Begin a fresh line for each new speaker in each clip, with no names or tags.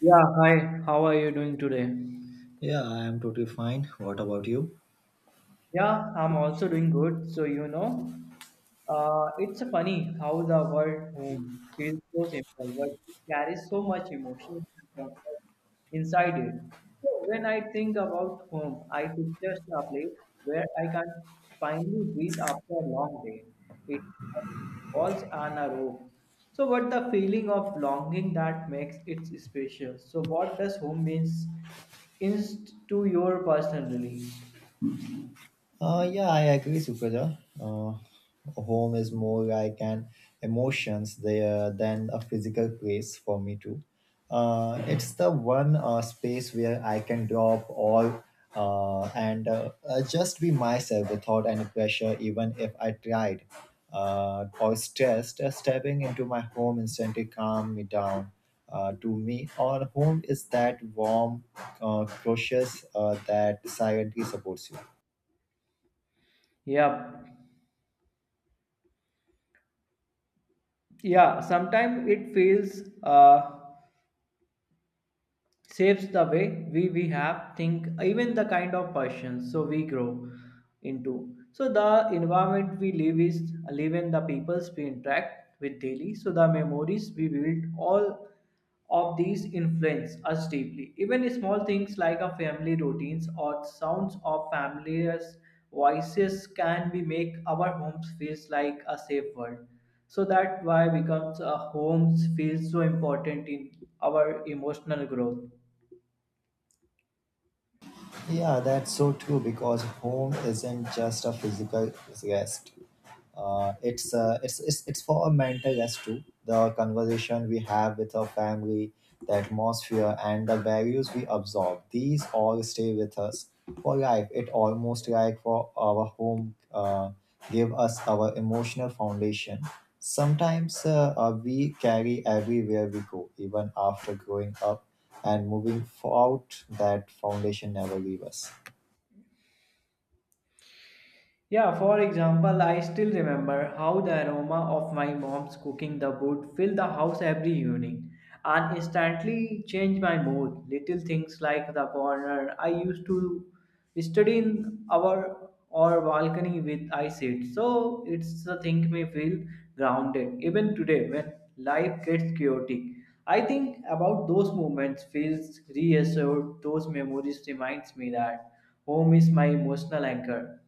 Yeah, hi. How are you doing today?
Yeah, I am totally fine. What about you?
Yeah, I'm also doing good. So, you know, it's funny how the word home feels so simple, but it carries so much emotion and comfort inside it. So, when I think about home, I picture a place where I can finally breathe after a long day. It walls and a rope. So, what the feeling of longing that makes it special? So, what does home means to your personally?
Yeah, I agree, Supraja. Home is more like an emotions there than a physical place for me too. It's the one space where I can drop all and just be myself without any pressure, even if I tried or stressed. Stepping into my home instantly calm me down. To me, our home is that warm, cautious that silently supports you.
Yep. Yeah, sometimes it feels shapes the way we have think even the kind of persons so we grow into so the environment we live is live in the peoples we interact with daily so the memories we build all of these influence us deeply even small things like a family routines or sounds of familiar's voices can be make our homes feels like a safe world so that why becomes a homes feels so important in our emotional growth.
Yeah, that's so true because home isn't just a physical rest. It's for a mental rest too. The conversation we have with our family, the atmosphere, and the values we absorb. These all stay with us for life. It almost like for our home give us our emotional foundation. Sometimes we carry everywhere we go, even after growing up and moving out. That foundation never leave us.
Yeah, for example, I still remember how the aroma of my mom's cooking the wood filled the house every evening and instantly changed my mood. Little things like the corner I used to study in our or balcony with I sit. So it's the thing me feel grounded. Even today when life gets chaotic. I think about those moments feels reassured. Those memories reminds me that home is my emotional anchor.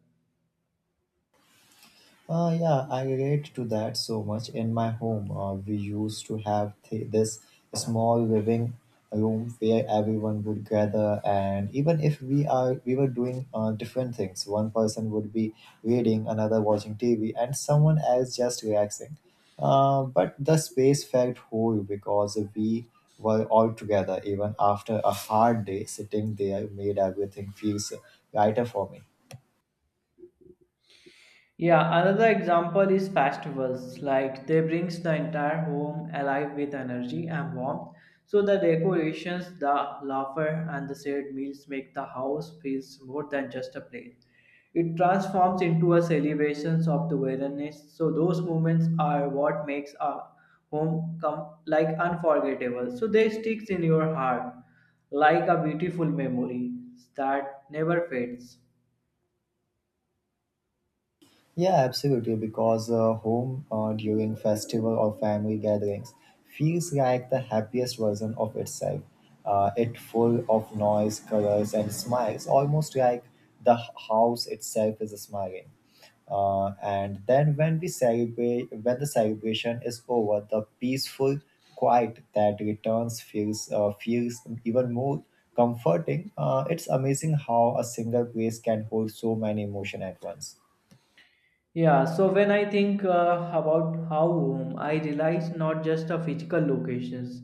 Yeah, I relate to that so much. In my home, we used to have this small living room where everyone would gather, and even if we were doing different things, one person would be reading, another watching TV, and someone else just relaxing. But the space felt whole because we were all together. Even after a hard day, sitting there made everything feels lighter for me.
Yeah, another example is festivals. Like they brings the entire home alive with energy and warmth. So the decorations, the laughter, and the shared meals make the house feels more than just a place. It transforms into a celebration of the wilderness. So those moments are what makes a home come like unforgettable. So they sticks in your heart like a beautiful memory that never fades.
Yeah, absolutely. Because home during festival or family gatherings feels like the happiest version of itself. It full of noise, colors, and smiles, almost like the house itself is smiling. And then when the celebration is over, the peaceful quiet that returns feels even more comforting. It's amazing how a single place can hold so many emotion at once.
Yeah, so when I think about how home, I realize not just a physical locations,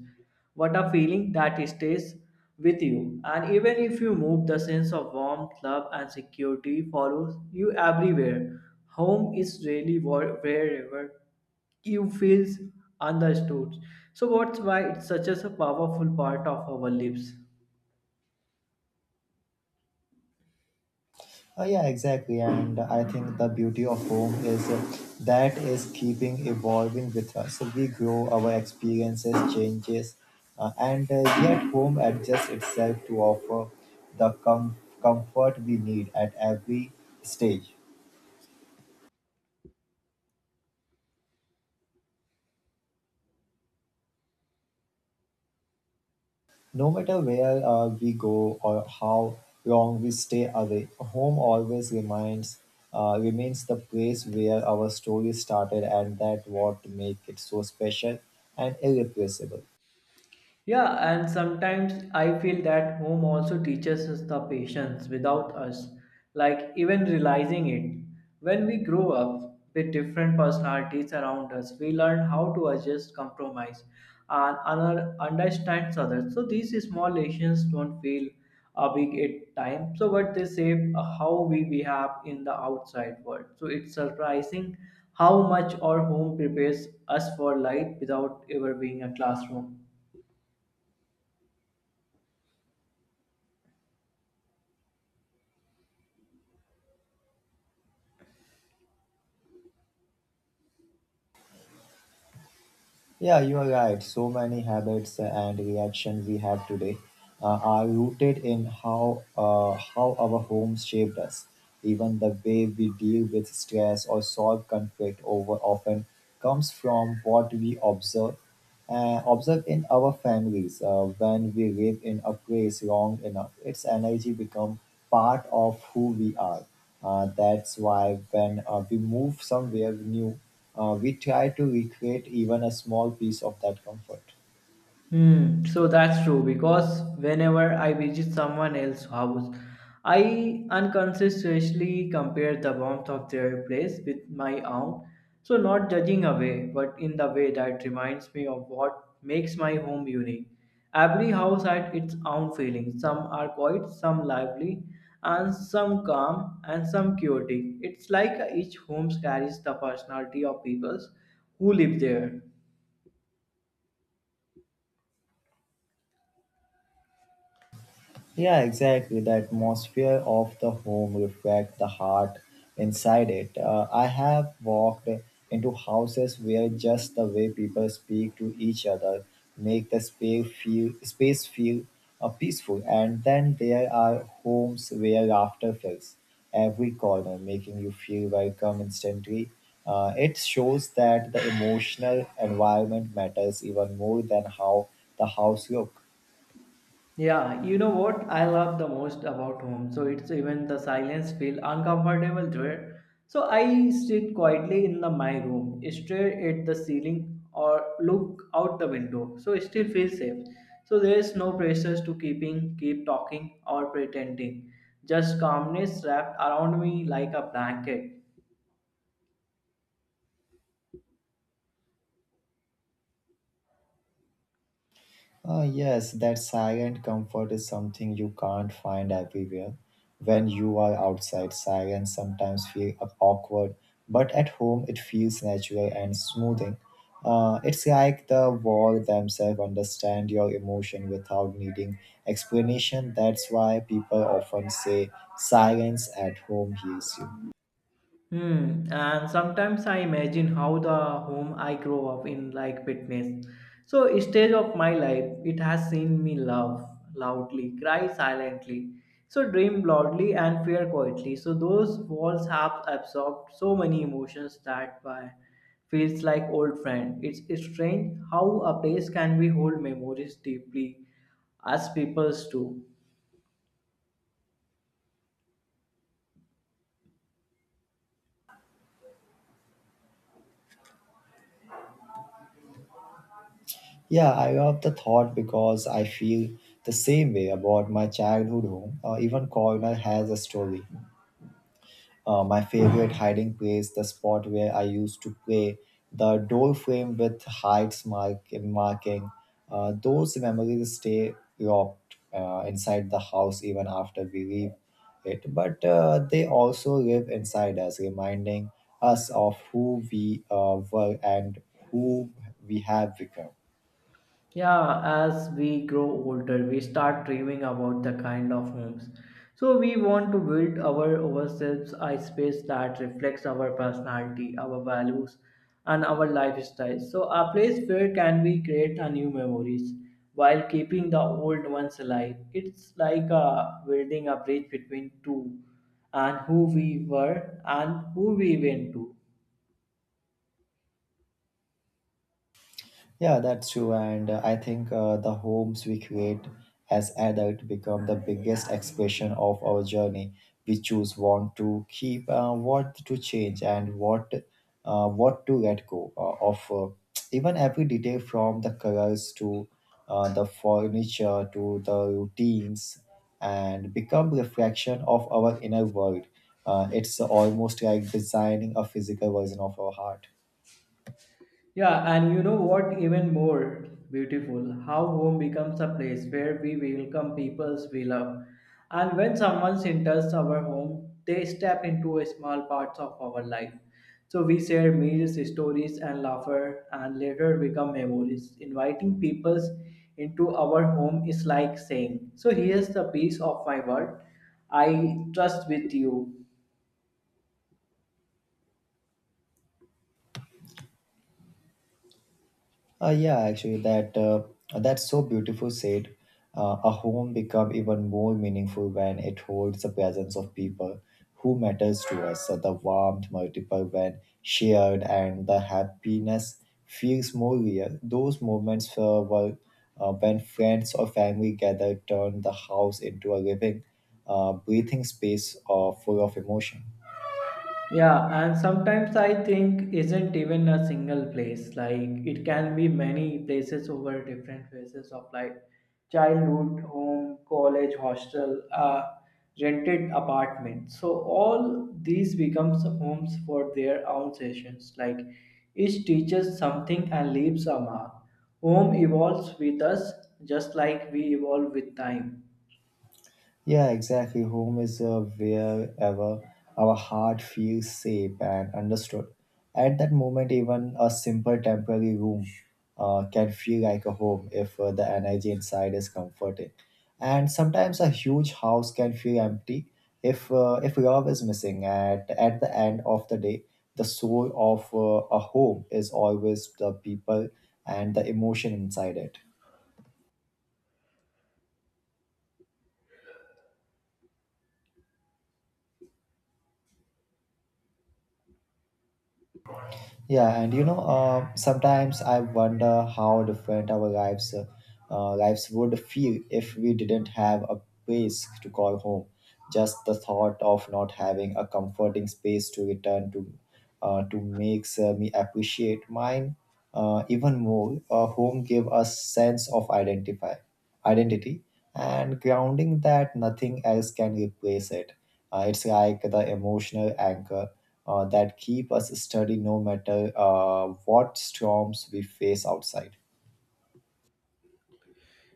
but a feeling that stays with you. And even if you move, the sense of warmth, love, and security follows you everywhere. Home is really wherever you feels understood. So what's why it's such as a powerful part of our lives.
Yeah, exactly. And I think the beauty of home is that is keeping evolving with us. So we grow, our experiences changes, and yet home adjusts itself to offer the comfort we need at every stage. No matter where we go or how long we stay away, home always reminds remains the place where our story started, and that what make it so special and irreplaceable.
Yeah, and sometimes I feel that home also teaches us the patience without us, like even realizing it. When we grow up with different personalities around us, we learn how to adjust, compromise, and understand others. So these small lessons don't feel big at time. So what they shape how we behave in the outside world. So it's surprising how much our home prepares us for life without ever being a classroom.
Yeah, you are right. So many habits and reactions we have today are rooted in how our homes shaped us. Even the way we deal with stress or solve conflict over often comes from what we observe in our families when we live in a place long enough its energy become part of who we are that's why when we move somewhere new we try to recreate even a small piece of that comfort.
Hmm, so that's true because whenever I visit someone else's house, I unconsciously compare the warmth of their place with my own. So, not judging away, but in the way that reminds me of what makes my home unique. Every house had its own feelings. Some are quiet, some lively, and some calm, and some chaotic. It's like each home carries the personality of people who live there.
Yeah, exactly. The atmosphere of the home reflects the heart inside it. I have walked into houses where just the way people speak to each other make the space feel peaceful. And then there are homes where laughter fills every corner, making you feel welcome instantly. It shows that the emotional environment matters even more than how the house looks.
Yeah, you know what I love the most about home. So it's even the silence feel uncomfortable there. So I sit quietly in the my room, stare at the ceiling or look out the window. So I still feel safe. So there is no pressures to keep talking or pretending. Just calmness wrapped around me like a blanket.
Ah, yes, that silent comfort is something you can't find everywhere. When you are outside, silence sometimes feel awkward, but at home it feels natural and smoothing. It's like the wall themselves understand your emotion without needing explanation. That's why people often say silence at home heals you.
Hmm. And sometimes I imagine how the home I grow up in, like fitness. So stage of my life, it has seen me love loudly, cry silently, so dream loudly and fear quietly. So those walls have absorbed so many emotions that why feels like old friend. It's strange how a place can we hold memories deeply as peoples do.
Yeah, I love the thought because I feel the same way about my childhood home. Even corner has a story. My favorite hiding place, the spot where I used to play, the door frame with heights marking. Those memories stay locked inside the house even after we leave it, but they also live inside us, reminding us of who we were and who we have become.
Yeah, as we grow older, we start dreaming about the kind of homes. So we want to build our ourselves a space that reflects our personality, our values, and our lifestyle. So a place where can we create a new memories while keeping the old ones alive. It's like building a bridge between two and who we were and who we went to.
Yeah, that's true. And I think the homes we create as adults become the biggest expression of our journey. We choose what to keep, what to change, and what to let go of. Even every detail from the colors to the furniture to the routines and become reflection of our inner world. It's almost like designing a physical version of our heart.
Yeah, and you know what? Even more beautiful, how home becomes a place where we welcome peoples we love. And when someone enters our home, they step into a small parts of our life. So we share meals, stories, and laughter, and later become memories. Inviting peoples into our home is like saying, "So here's the piece of my world. I trust with you."
Yeah, actually, that's so beautiful said. A home become even more meaningful when it holds the presence of people who matters to us. So the warmth multiple when shared and the happiness feels more real. Those moments were when friends or family gather turn the house into a living, breathing space full of emotion.
Yeah, and sometimes I think isn't even a single place. Like it can be many places over different phases of life. Childhood, home, college, hostel, rented apartment. So all these becomes homes for their own sessions. Like each teaches something and leaves a mark. Home evolves with us just like we evolve with time.
Yeah, exactly. Home is wherever our heart feels safe and understood. At that moment, even a simple temporary room can feel like a home if the energy inside is comforting. And sometimes a huge house can feel empty if love is missing. At the end of the day, the soul of a home is always the people and the emotion inside it. Yeah, and you know, sometimes I wonder how different our lives would feel if we didn't have a place to call home. Just the thought of not having a comforting space to return to, makes me appreciate mine even more. Home give us sense of identify identity and grounding that nothing else can replace it. It's like the emotional anchor that keep us steady no matter what storms we face outside.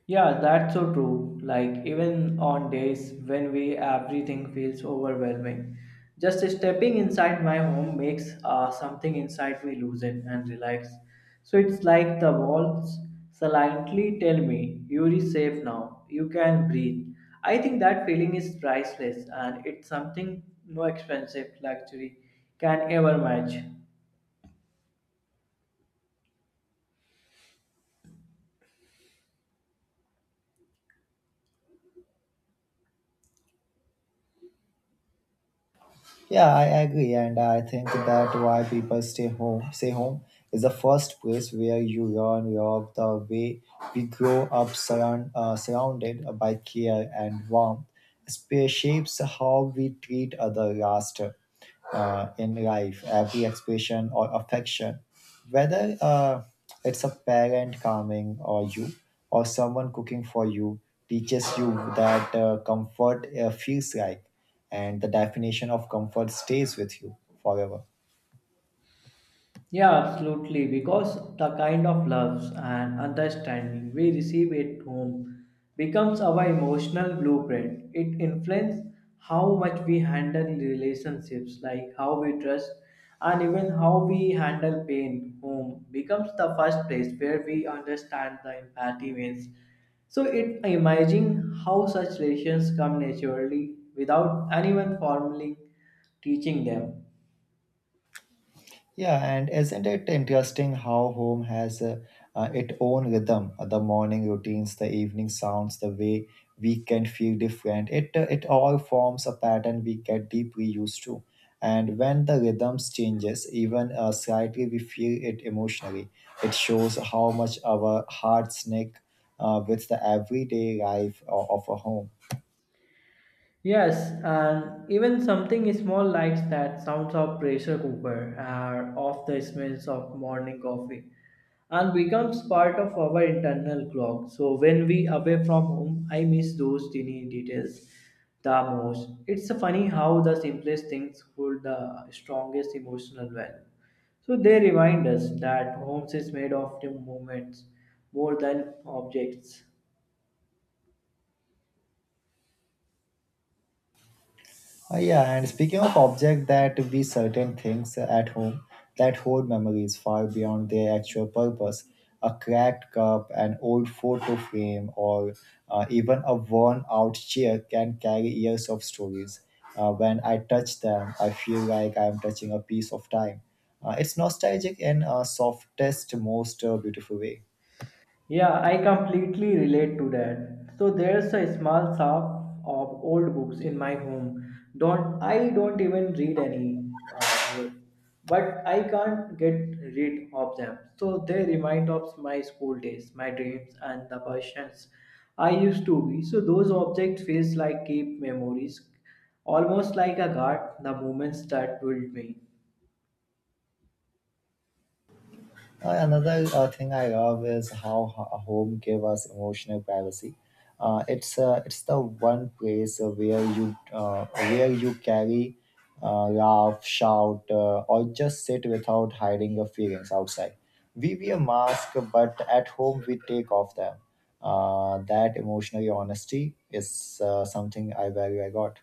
Yeah, that's so true. Like even on days when we everything feels overwhelming, just stepping inside my home makes something inside me loosen and relax. So it's like the walls silently tell me, "You're safe now. You can breathe." I think that feeling is priceless, and it's something no expensive luxury can ever match.
Yeah, I agree, and I think that why people stay home is the first place where you learn love the way we grow up surrounded by care and warmth. Shapes how we treat other last. In life, every expression or affection, whether it's a parent calming or you, or someone cooking for you, teaches you that comfort feels like, and the definition of comfort stays with you forever.
Yeah, absolutely. Because the kind of loves and understanding we receive at home becomes our emotional blueprint. It influences how much we handle relationships, like how we trust, and even how we handle pain. Home becomes the first place where we understand the empathy means. So it imagine how such relations come naturally without anyone formally teaching them.
Yeah, and isn't it interesting how home has its own rhythm? The morning routines, the evening sounds, the way we can feel different. It all forms a pattern we get deeply used to. And when the rhythms changes, even slightly, we feel it emotionally. It shows how much our hearts nick with the everyday life of a home.
Yes, and even something small like that sounds of pressure cooker or of the smells of morning coffee and becomes part of our internal clock. So when we away from home, I miss those tiny details the most. It's funny how the simplest things hold the strongest emotional value. So they remind us that homes is made of the moments more than objects.
Yeah, and speaking of objects that be certain things at home that hold memories far beyond their actual purpose, a cracked cup, an old photo frame, or even a worn out chair can carry years of stories. When I touch them, I feel like I am touching a piece of time. It's nostalgic in a softest, most beautiful way.
Yeah, I completely relate to that. So there's a small shelf of old books in my home. Don't I don't even read any more, but I can't get rid of them. So they remind of my school days, my dreams, and the passions I used to be. So those objects feels like keep memories, almost like a guard, the moments that built me.
Another thing I love is how home give us emotional privacy. It's the one place where you where you carry, laugh, shout, or just sit without hiding your feelings outside. We wear mask, but at home we take off them. That emotional honesty is something I value. I got.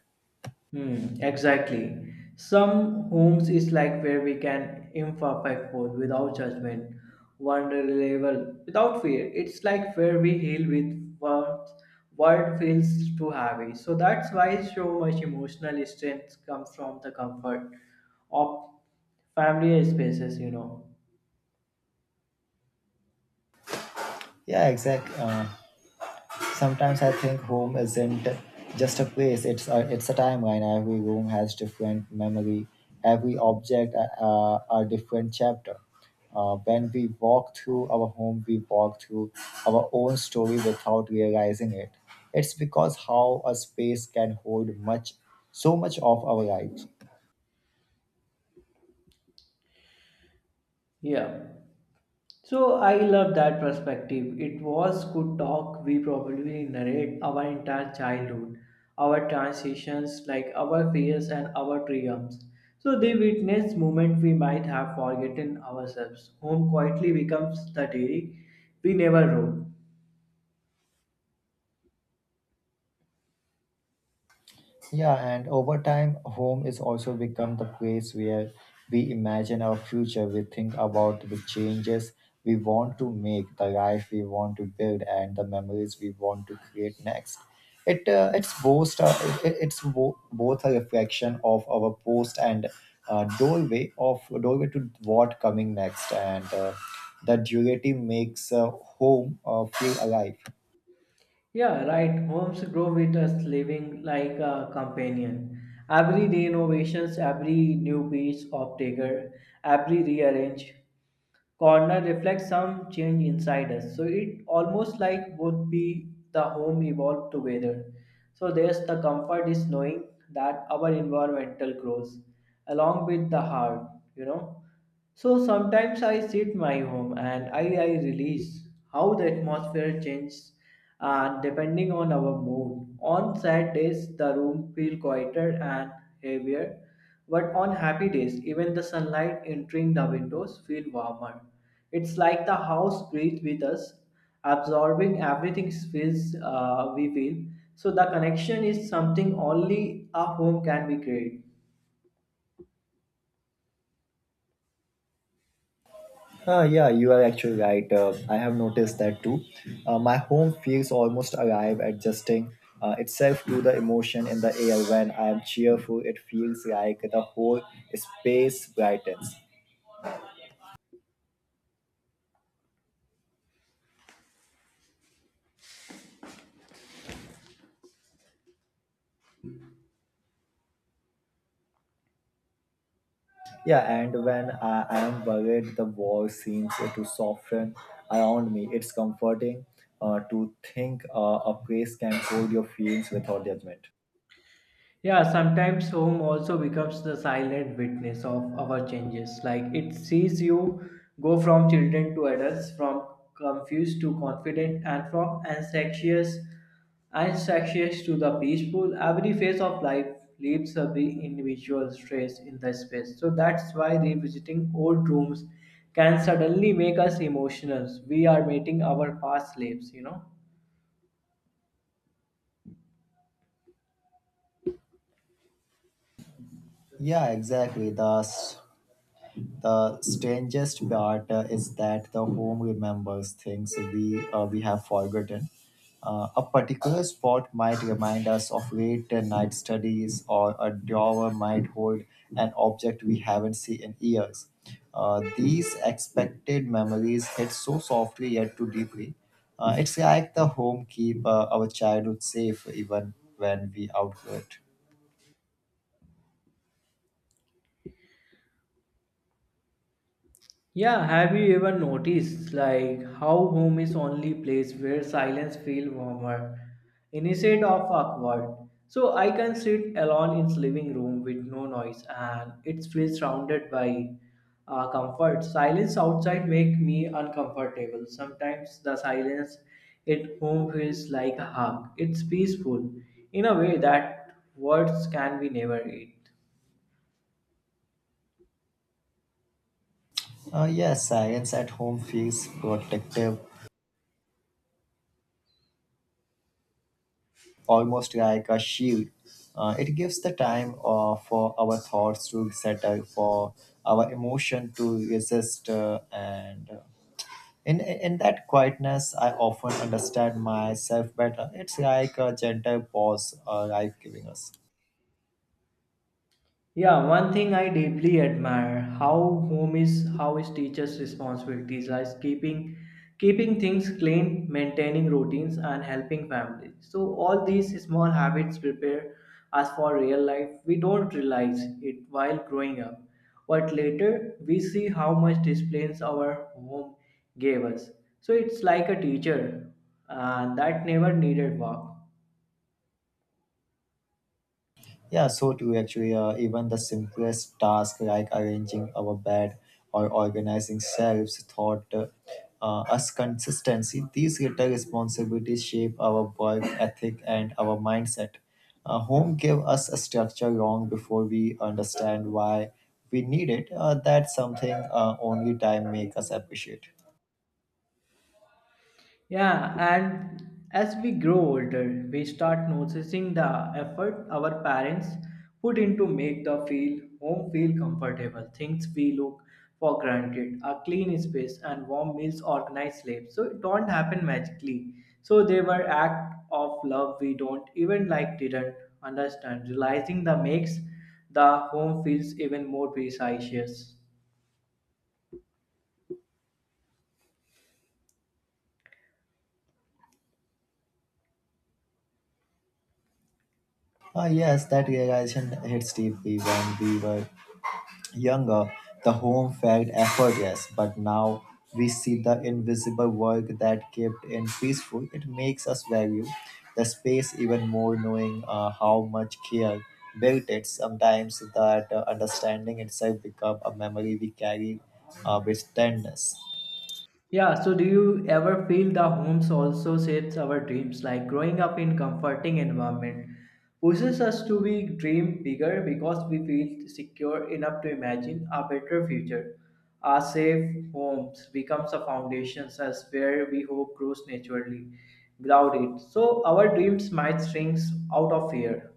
Hmm, exactly. Some homes is like where we can imperfect forth without judgment, vulnerable without fear. It's like where we heal with words. Word feels too heavy. So that's why so much emotional strength comes from the comfort of family spaces, you know.
Yeah, exactly. Sometimes I think home isn't just a place, it's a timeline. Every room has different memory, every object a different chapter. When we walk through our home, we walk through our own story without realizing it. It's because how a space can so much of our life.
Yeah. So I love that perspective. It was good talk. We probably narrate our entire childhood, our transitions, like our fears and our triumphs. So they witness moment we might have forgotten ourselves. Home quietly becomes the diary we never wrote.
Yeah, and over time, home is also become the place where we imagine our future. We think about the changes we want to make, the life we want to build, and the memories we want to create next. It it's both it, it- it's bo- both a reflection of our post and doorway to what coming next, and the duality makes home feel alive.
Yeah, right. Homes grow with us living like a companion. Every renovations, every new piece of decor, every rearrange corner reflects some change inside us. So it almost like would be the home evolved together. So there's the comfort is knowing that our environmental grows along with the heart, you know. So sometimes I sit my home and I release how the atmosphere changes depending on our mood. On sad days, the room feel quieter and heavier, but on happy days, even the sunlight entering the windows feel warmer. It's like the house breathes with us, absorbing everything feels we feel. So the connection is something only a home can be create.
Ah, yeah, you are actually right. I have noticed that too. My home feels almost alive, adjusting itself to the emotion in the air. When I am cheerful, it feels like the whole space brightens. Yeah, and when I am worried, the wall seems to soften around me. It's comforting to think a place can hold your feelings without judgment.
Yeah, sometimes home also becomes the silent witness of our changes. Like it sees you go from children to adults, from confused to confident, and from anxious to the peaceful. Every phase of life leaves a big individual trace in the space. So that's why revisiting old rooms can suddenly make us emotional. We are meeting our past lives, you know.
Yeah, exactly. The strangest part is that the home remembers things we have forgotten. A particular spot might remind us of late night studies, or a drawer might hold an object we haven't seen in years. These expected memories hit so softly yet too deeply. It's like the home keep our childhood safe even when we outgrow it.
Yeah, have you ever noticed like how home is only place where silence feels warmer instead of awkward? So I can sit alone in living room with no noise and it feels surrounded by comfort. Silence outside make me uncomfortable. Sometimes the silence at home feels like a hug. It's peaceful in a way that words can be never it.
Yes, science at home feels protective almost like a shield. It gives the time for our thoughts to settle, for our emotion to resist, and in that quietness, I often understand myself better. It's like a gentle pause, life giving us.
Yeah, one thing I deeply admire how home is how is teachers' responsibilities lies keeping things clean, maintaining routines and helping families. So all these small habits prepare us for real life. We don't realize it while growing up. But later we see how much disciplines our home gave us. So it's like a teacher that never needed work.
Yeah, so too actually. Even the simplest task like arranging our bed or organizing shelves taught us consistency. These little responsibilities shape our work ethic and our mindset. Home gave us a structure long before we understand why we need it. That's something only time make us appreciate.
Yeah, and as we grow older, we start noticing the effort our parents put into make the feel home feel comfortable. Things we look for granted, a clean space and warm meals, organized sleep. So it don't happen magically. So they were act of love we don't even like didn't understand. Realizing the makes the home feels even more precious.
Ah yes, that realization hits deeply when we were younger, the home felt effortless, but now we see the invisible work that kept in peaceful. It makes us value the space even more, knowing how much care built it. Sometimes that understanding itself become a memory we carry with tenderness.
Yeah, so do you ever feel the homes also shapes our dreams? Like growing up in comforting environment pushes us to be dream bigger because we feel secure enough to imagine a better future. Our safe homes becomes a foundation as where we hope grows naturally without it. So our dreams might shrink out of fear.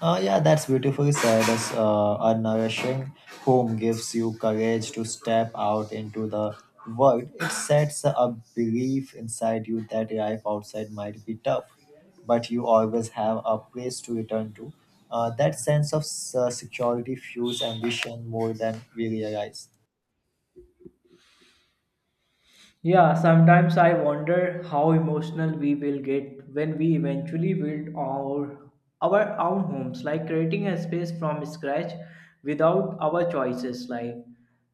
Yeah, that's beautifully said. As a nourishing home gives you courage to step out into the world. It sets a belief inside you that life outside might be tough, but you always have a place to return to. That sense of security fuels ambition more than we realize.
Yeah, sometimes I wonder how emotional we will get when we eventually build our own homes, like creating a space from scratch without our choices, like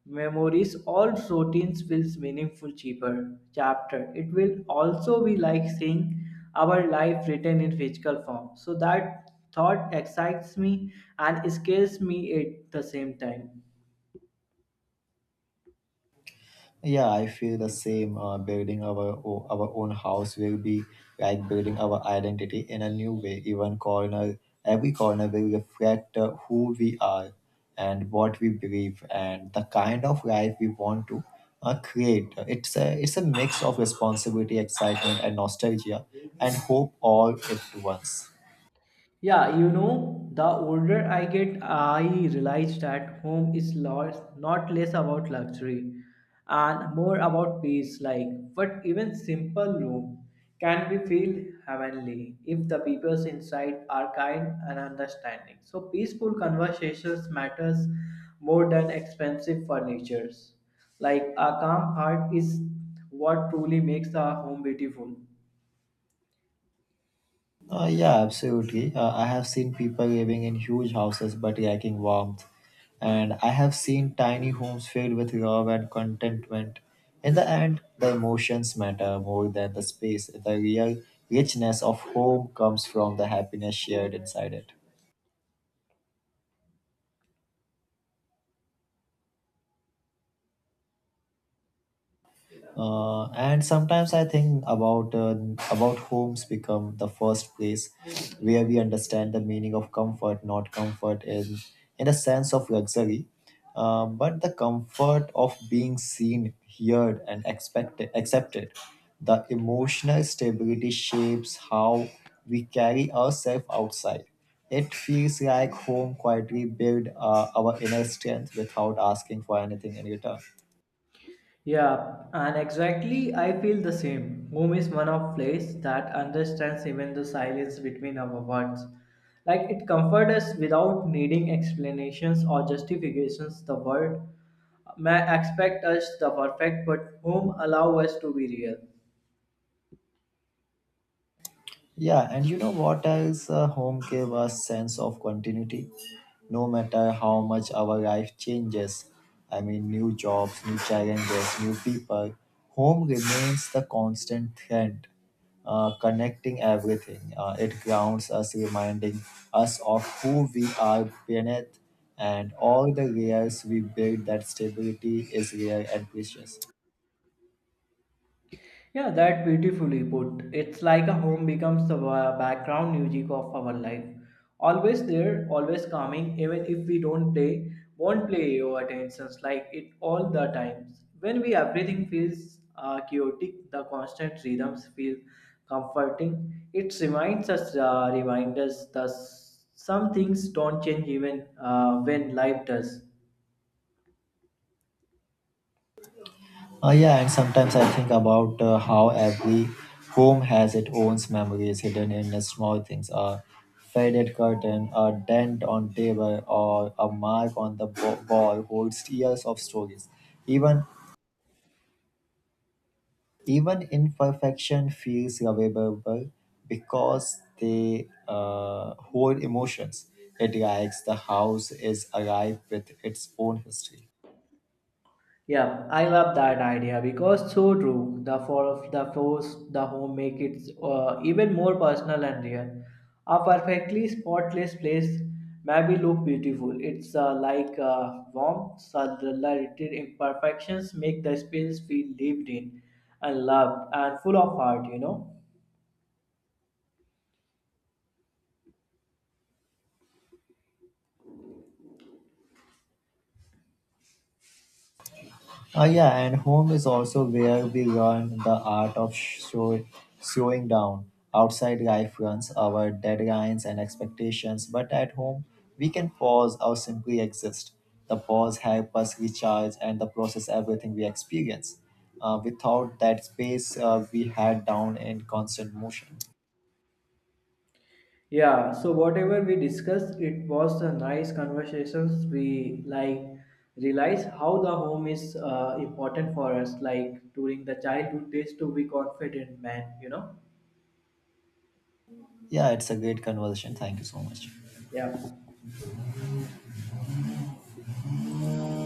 memories all routines feels meaningful cheaper chapter. It will also be like seeing our life written in physical form. So that thought excites me and scares me at the same time.
Yeah, I feel the same. Building our own house will be like building our identity in a new way. Every corner will reflect who we are and what we believe and the kind of life we want to create. It's a mix of responsibility, excitement, and nostalgia, and hope all at once.
Yeah, you know, the older I get, I realize that home is not less about luxury and more about peace. Like, but even simple room can be feel heavenly if the people inside are kind and understanding. So peaceful conversations matters more than expensive furnitures. Like a calm heart is what truly makes a home beautiful.
Yeah, absolutely. I have seen people living in huge houses but lacking warmth. And I have seen tiny homes filled with love and contentment. In the end, the emotions matter more than the space. The real richness of home comes from the happiness shared inside it. And sometimes I think about homes become the first place where we understand the meaning of comfort, not comfort in a sense of luxury, but the comfort of being seen, heard, and expected accepted. The emotional stability shapes how we carry ourselves outside. It feels like home quietly build our inner strength without asking for anything in return.
Yeah, and exactly I feel the same. Home is one of place that understands even the silence between our words. Like it comforts us without needing explanations or justifications. The world may expect us the perfect, but home allow us to be real.
Yeah, and you know what else? Home gave us sense of continuity. No matter how much our life changes, I mean, new jobs, new challenges, new people, home remains the constant thread, connecting everything. It grounds us, reminding us of who we are beneath and all the layers we build. That stability is rare and precious.
Yeah, that beautifully put. It's like a home becomes the background music of our life. Always there, always coming, even if we don't play, won't play your attentions like it all the times. When we everything feels chaotic, the constant rhythms feel comforting. It reminds us that some things don't change even when life does.
Yeah, and sometimes I think about how every home has its own memories hidden in the small things, a faded curtain, a dent on table, or a mark on the wall holds years of stories. Even even imperfection feels lovable because they hold emotions. It likes the house is alive with its own history.
Yeah, I love that idea because so true. The for the force the home make it even more personal and real. A perfectly spotless place maybe look beautiful. It's like warm, subtler imperfections make the space feel lived in and loved and full of heart. You know.
Yeah, and home is also where we learn the art of show, slowing down. Outside life runs our deadlines and expectations, but at home we can pause or simply exist. The pause helps us recharge and the process everything we experience. Without that space, we head down in constant motion.
Yeah, so whatever we discussed, it was a nice conversations. We like realize how the home is important for us. Like during the childhood days, to be confident, man. You know.
Yeah, it's a great conversation. Thank you so much.
Yeah.